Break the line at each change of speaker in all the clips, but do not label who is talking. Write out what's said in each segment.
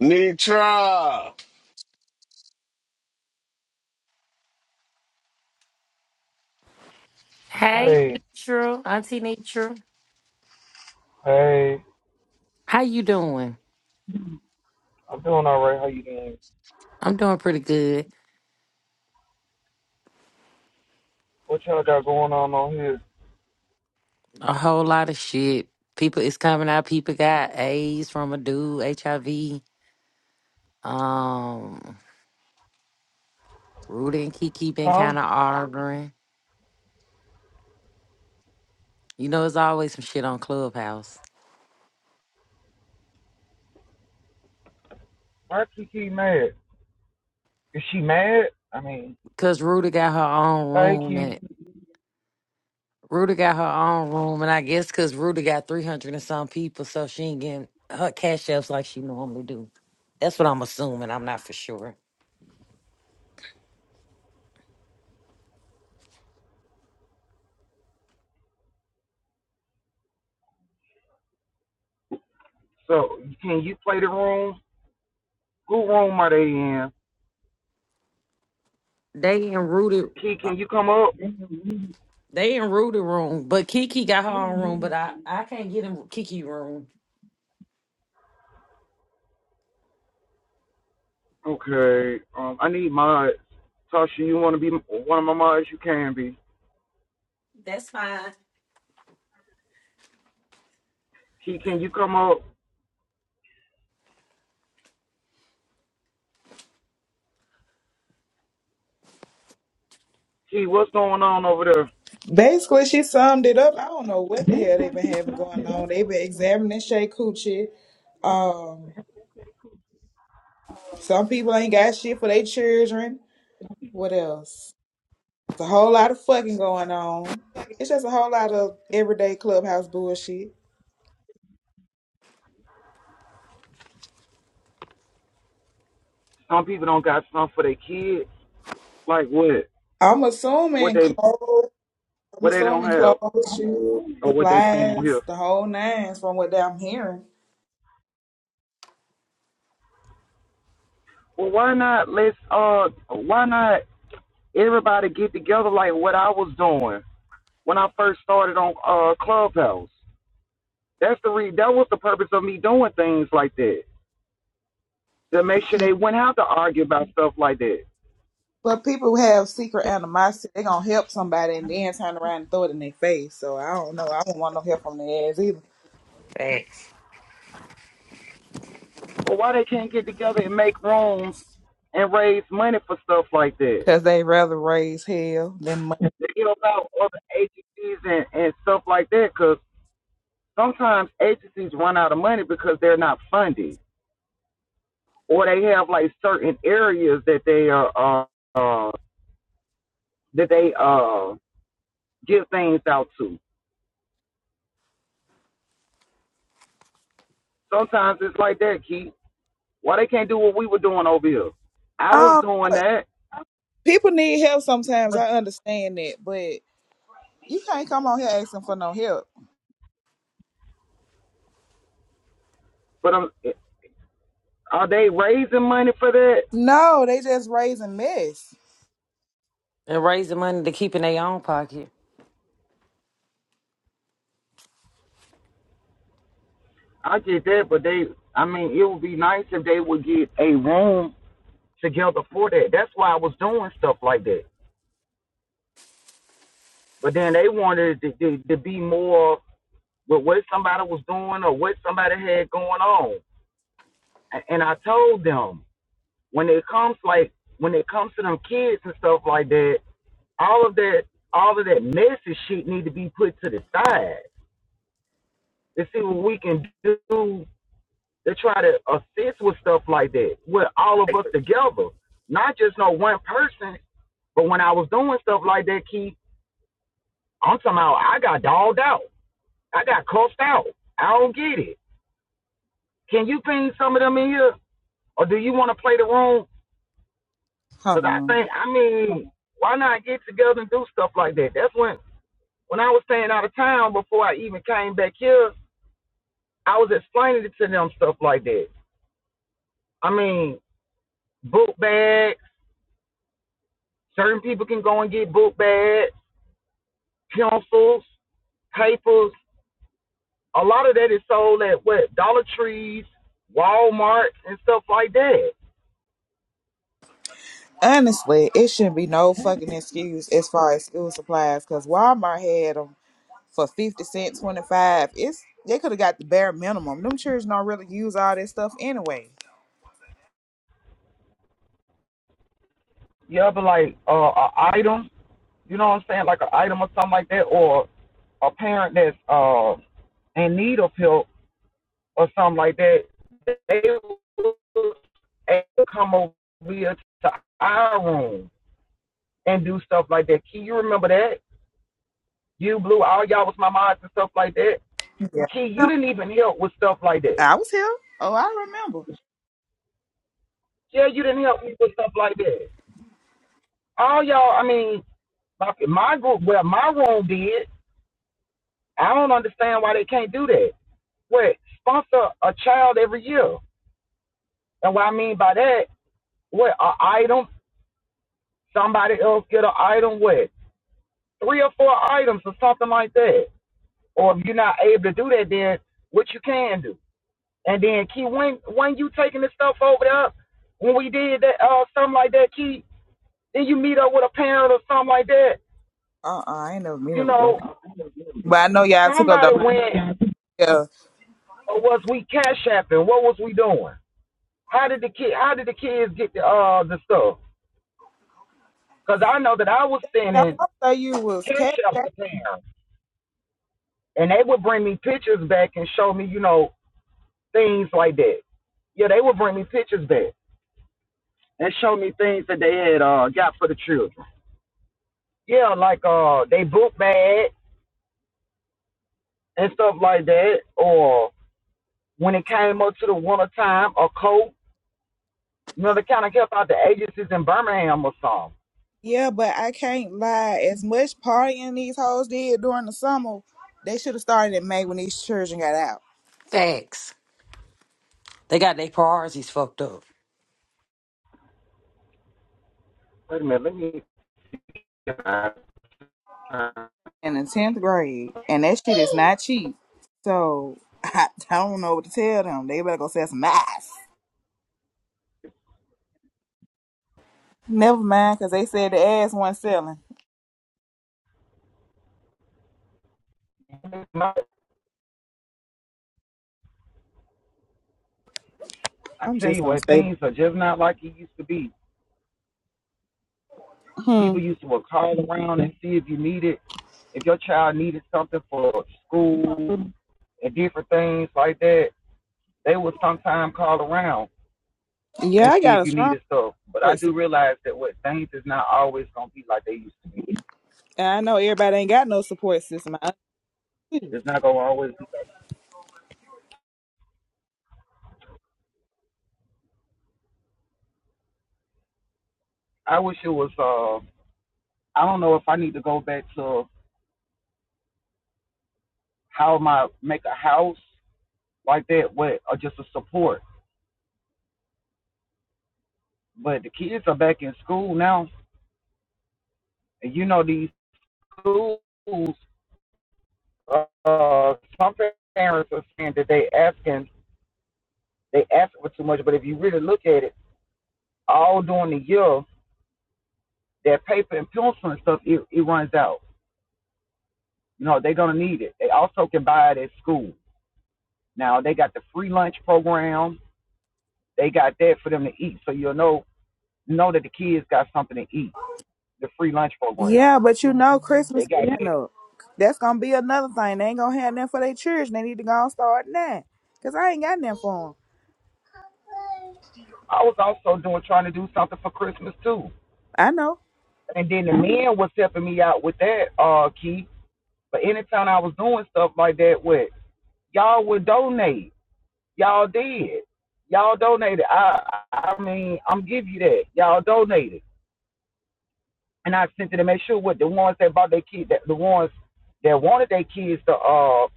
Nitra.
Hey,
Hey,
Nitra, Auntie Nitra,
hey,
how you doing?
I'm doing all right. How you doing?
I'm doing pretty good.
What y'all got going on on here?
A whole lot of shit. People, it's coming out. People got AIDS from a dude, HIV. Um, Rudy and Kiki been
Huh?
kind of arguing. You know, it's always some shit on Clubhouse.
Why Kiki mad? Is she mad? I mean,
Cause Rudy got her own
hey,
room
Key.
and Rudy got her own room, and I guess cause Rudy got three hundred and some people, so she ain't getting her cash ups like she normally do. That's what I'm assuming. I'm not for sure.
So, can you play the room? Who room are they in?
They and Rudy.
Key, can you come up?
They in Rudy room, but Kiki got her own room, but I, I can't get in Kiki room.
Okay. Um, I need mods. Tasha, you want to be one of my mods? You can be.
That's fine.
Key, can you come up? Key, what's going on over there?
Basically, she summed it up. I don't know what the hell they've been having going on. They've been examining Shay Coochie. Um, some people ain't got shit for their children. What else? It's a whole lot of fucking going on. It's just a whole lot of everyday clubhouse bullshit.
Some people don't got stuff for their kids. Like what?
I'm
What
assuming
they
clothes. I'm
what they don't
assuming
have,
clothes, shoes,
or what they saying on here?
supplies, the whole nines from what I'm hearing.
Well, why not let's uh why not everybody get together like what I was doing when I first started on uh Clubhouse. That's the re- that was the purpose of me doing things like that to make sure they wouldn't have to argue about stuff like that.
But people who have secret animosity, they gonna help somebody and then turn around and throw it in their face. So I don't know. I don't want no help from their ass either,
Facts.
But why they can't get together and make rooms and raise money for stuff like that?
cause they rather raise hell than money.
To get about other agencies and, and stuff like that because sometimes agencies run out of money because they're not funded. or they have like certain areas that they are uh, uh that they uh give things out to. Sometimes it's like that, Keith. Why they can't do what we were doing over here? I was
Um,
doing that,
people need help sometimes.
but
I understand that, but you can't come on here asking for no help.
but um, are they raising money for that?
No, they just raising mess.
They're raising money to keep in their own pocket.
I get that, but they. I mean, it would be nice if they would get a room together for that. That's why I was doing stuff like that. But then they wanted to, to, to be more with what somebody was doing or what somebody had going on. And I told them when it comes like when it comes to them kids and stuff like that, all of that all of that messy shit need to be put to the side to see what we can do to try to assist with stuff like that with all of us together, not just no one person. But when I was doing stuff like that, Keith, I'm talking about I got dogged out, I got cussed out. I don't get it. Can you bring some of them in here, or do you want to play the room
Hold
Cause I
on.
think, I mean, why not get together and do stuff like that? That's when, when I was staying out of town before I even came back here, I was explaining it to them stuff like that. I mean, book bags. Certain people can go and get book bags, pencils, papers. A lot of that is sold at what Dollar Trees, Walmart, and stuff like that.
Honestly, it shouldn't be no fucking excuse as far as school supplies, cause Walmart had them for fifty cent, twenty five. It's they could have got the bare minimum. Them children don't really use all that stuff anyway.
You ever like uh, a item? You know what I'm saying? Like an item or something like that, or a parent that's uh, in need of help or something like that, they would come over here to our room and do stuff like that. Key, you remember that? You, Blue, all y'all was my mods and stuff like that.
Yeah.
Key, you didn't even help with stuff like that.
I was here. Oh, I remember.
Yeah, you didn't help me with stuff like that. All y'all, I mean, like my group, well, my room did. I don't understand why they can't do that. What, sponsor a child every year? And what I mean by that, what, an item? Somebody else get an item, what? three or four items or something like that. Or if you're not able to do that, then what you can do. And then Key, when when you taking this stuff over there, when we did that uh something like that, Key, then you meet up with a parent or something like that.
Uh uh I ain't never meet
You
up with them.
know,
But I know y'all took up
somebody
the
went
yeah.
or was we cash apping? What was we doing? How did the kid how did the kids get the uh the stuff? Because I know that I was
I
sending
thought you was
cash
cat
apps to parents and they would bring me pictures back and show me, you know, things like that. Yeah, they would bring me pictures back and show me things that they had uh got for the children. Yeah, like uh they book bag and stuff like that, or when it came up to the winter time, a coat. You know, they kind of help out the agencies in Birmingham or something.
Yeah, but I can't lie. As much partying these hoes did during the summer, they should have started in May when these children got out.
Facts. They got their priorities fucked up.
Wait a minute, let me.
In the tenth grade. And that shit is not cheap. So I, don't know what to tell them. They better go sell some ass. Never mind, cause they said the ass wasn't selling.
I
I'm
tell
just
you
gonna
what,
stay.
things are just not like it used to be.
Hmm.
People used to would call around and see if you needed, if your child needed something for school and different things like that. they will sometime call around
Yeah,
and
I
see
got
if
a
you
strong.
needed stuff. But
support
I
system.
do realize that what things is not always gonna be like they used to.
And I know everybody ain't got no support system. I understand.
It's not gonna always be. like I wish it was. Uh, I don't know if I need to go back to how my make a house like that, but or just a support. But the kids are back in school now, and you know these schools. Uh, some parents are saying that they asking they ask for too much, but if you really look at it, all during the year, that paper and pencil and stuff it, it runs out. You know, they're gonna need it. They also can buy it at school. Now they got the free lunch program. They got that for them to eat. So you'll know know that the kids got something to eat. The free lunch program.
yeah, but you know
They
Christmas
got Yeah. that.
coming up. That's gonna be another thing. They ain't gonna have nothing for their church. They need to go and start that. Cause I ain't got nothing for them.
I was also doing trying to do something for Christmas too.
I know.
And then the men was helping me out with that, uh, Keith. But anytime I was doing stuff like that with y'all would donate. Y'all did. Y'all donated. I I mean, I'm give you that. Y'all donated. and I sent it to make sure what the ones that bought their kids, that the ones that wanted their kids to uh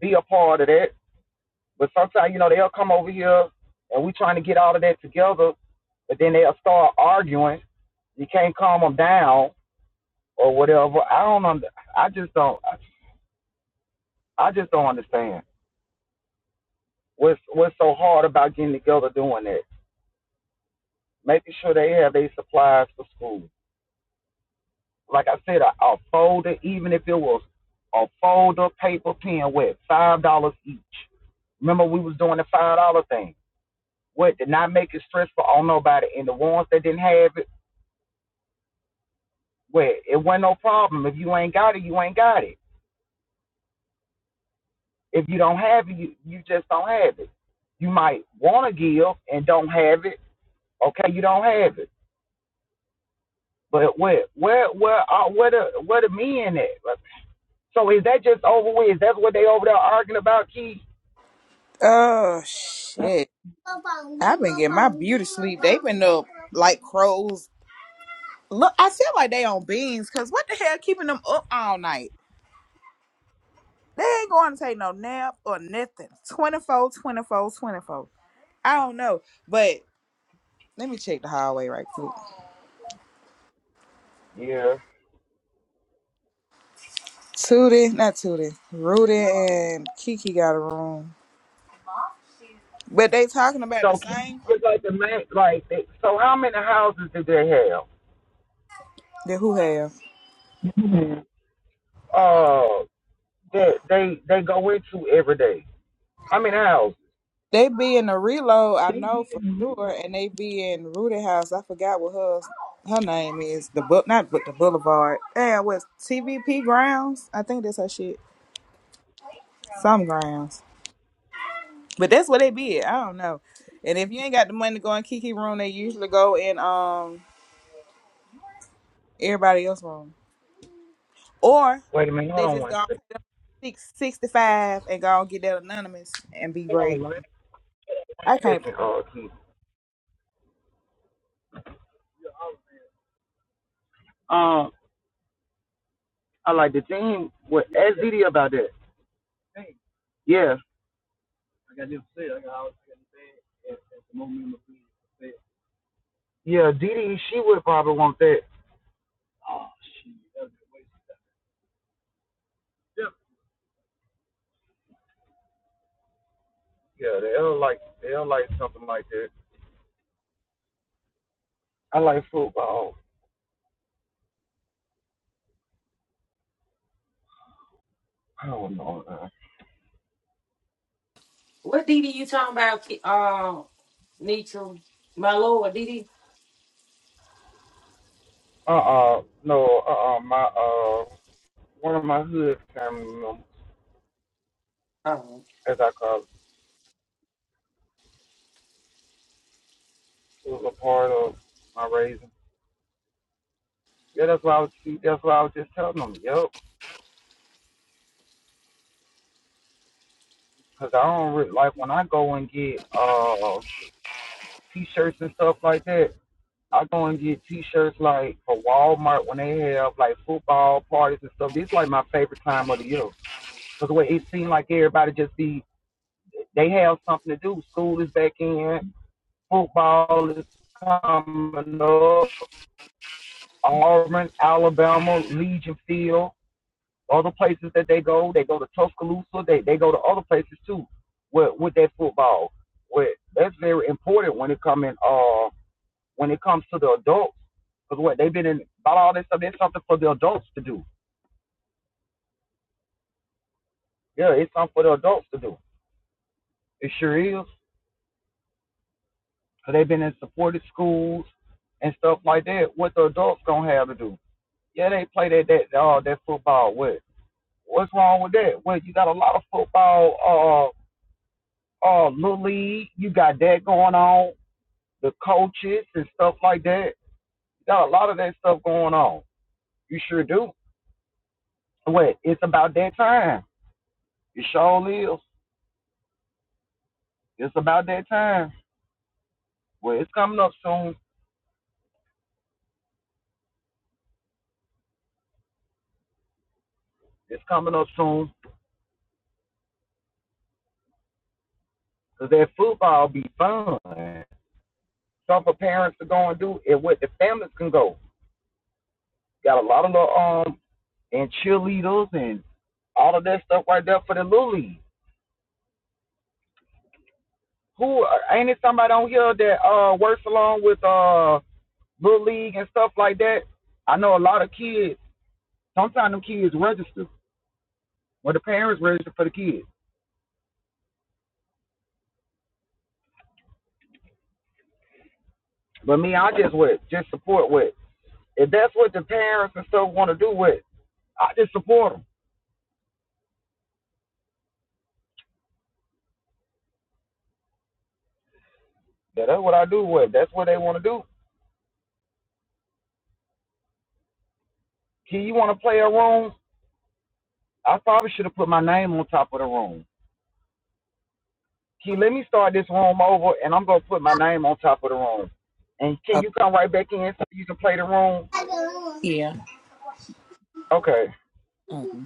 be a part of that. But sometimes you know they'll come over here and we are trying to get all of that together, but then they'll start arguing. You can't calm them down or whatever. I don't. Under, I just don't. I just don't understand what's what's so hard about getting together doing that. Making sure they have their supplies for school. Like I said, a, a folder, even if it was a folder, paper, pen, with five dollars each Remember, we was doing the five dollar thing. What did not make it stressful on nobody, and the ones that didn't have it, well, it wasn't no problem. If you ain't got it, you ain't got it. If you don't have it, you, you just don't have it. You might want to give and don't have it. Okay, you don't have it. But where where where are where the where the men at? Like, So is that just over with? Is that what they over there arguing about, Keith?
Oh shit! I've been getting my beauty sleep. They've been up like crows. Look, I feel like they on beans. Cause what the hell keeping them up all night? They ain't going to take no nap or nothing. 24, 24, 24. I don't know. But Let me check the hallway right quick.
Yeah.
Tootie, not Tootie, Rudy and Kiki got a room. But they talking about the
So Keith
same
is like the man, like they, so how many houses did they have?
that who have.
Mhm. Uh, that they they go into every day. I mean, how many hours?
They be in the reload, I
they
know for
didn't realize.
sure, and they be in Rudy House. I forgot what her her name is. The book, not but the Boulevard. Damn, what TVP grounds? I think that's her shit. Some grounds, but that's where they be. At. I don't know. And if you ain't got the money to go in Kiki room, they usually go in um everybody else room. or.
Wait a minute, hold
They
on
just
one
go
second.
six sixty five and go and get that anonymous and be
Hold
great.
on one, one
I can't.
second, uh, Keith. Um, I like the team. Would ask Didi about that. Yeah, yeah, Didi, she would probably want that. Yeah, they will like they will like something like that. I like football. I don't know.
What DD you talking about? Ki- Uh, Nietzsche, my lord, DD.
Uh, uh, no, uh, uh, my uh, one of my hood family members, as I call, it, was a part of my raising. Yeah, that's why I was. That's why I was just telling them. Yo, Cause I don't really, like when I go and get uh t-shirts and stuff like that. I go and get t-shirts like for Walmart when they have like football parties and stuff. This is like my favorite time of the year. Cause the way it seemed like everybody just be they have something to do. School is back in, football is coming up. Auburn, Alabama, Legion Field. other places that they go. They go to Tuscaloosa. They they go to other places too with with that football. Where that's very important when it come in uh when it comes to the adults because what they've been in about all this stuff. It's something for the adults to do. Yeah, it's something for the adults to do. It sure is. So they've been in supported schools and stuff like that. What the adults gonna have to do? Yeah, they play that that uh, that football. What what's wrong with that? Well, you got a lot of football uh uh little league. You got that going on. the coaches and stuff like that. Got a lot of that stuff going on. You sure do. Well, it's about that time. It sure is. It's about that time. Well, it's coming up soon. It's coming up soon. Cause that football be fun. Stuff for parents to go and do and what the families can go. Got a lot of the um and cheerleaders and all of that stuff right there for the little league. Who uh, ain't it somebody on here that uh works along with uh little league and stuff like that. I know a lot of kids. Sometimes them kids register, or the parents register for the kids. But me, I just with just support with. If that's what the parents and stuff want to do with, I just support them. Yeah, that's what I do with. That's what they want to do. Key, you want to play a room? I probably should have put my name on top of the room. Key, let me start this room over, and I'm gonna put my name on top of the room. And can
Oh,
you come right back in so you can play the room?
yeah.
Okay.
Mm-mm.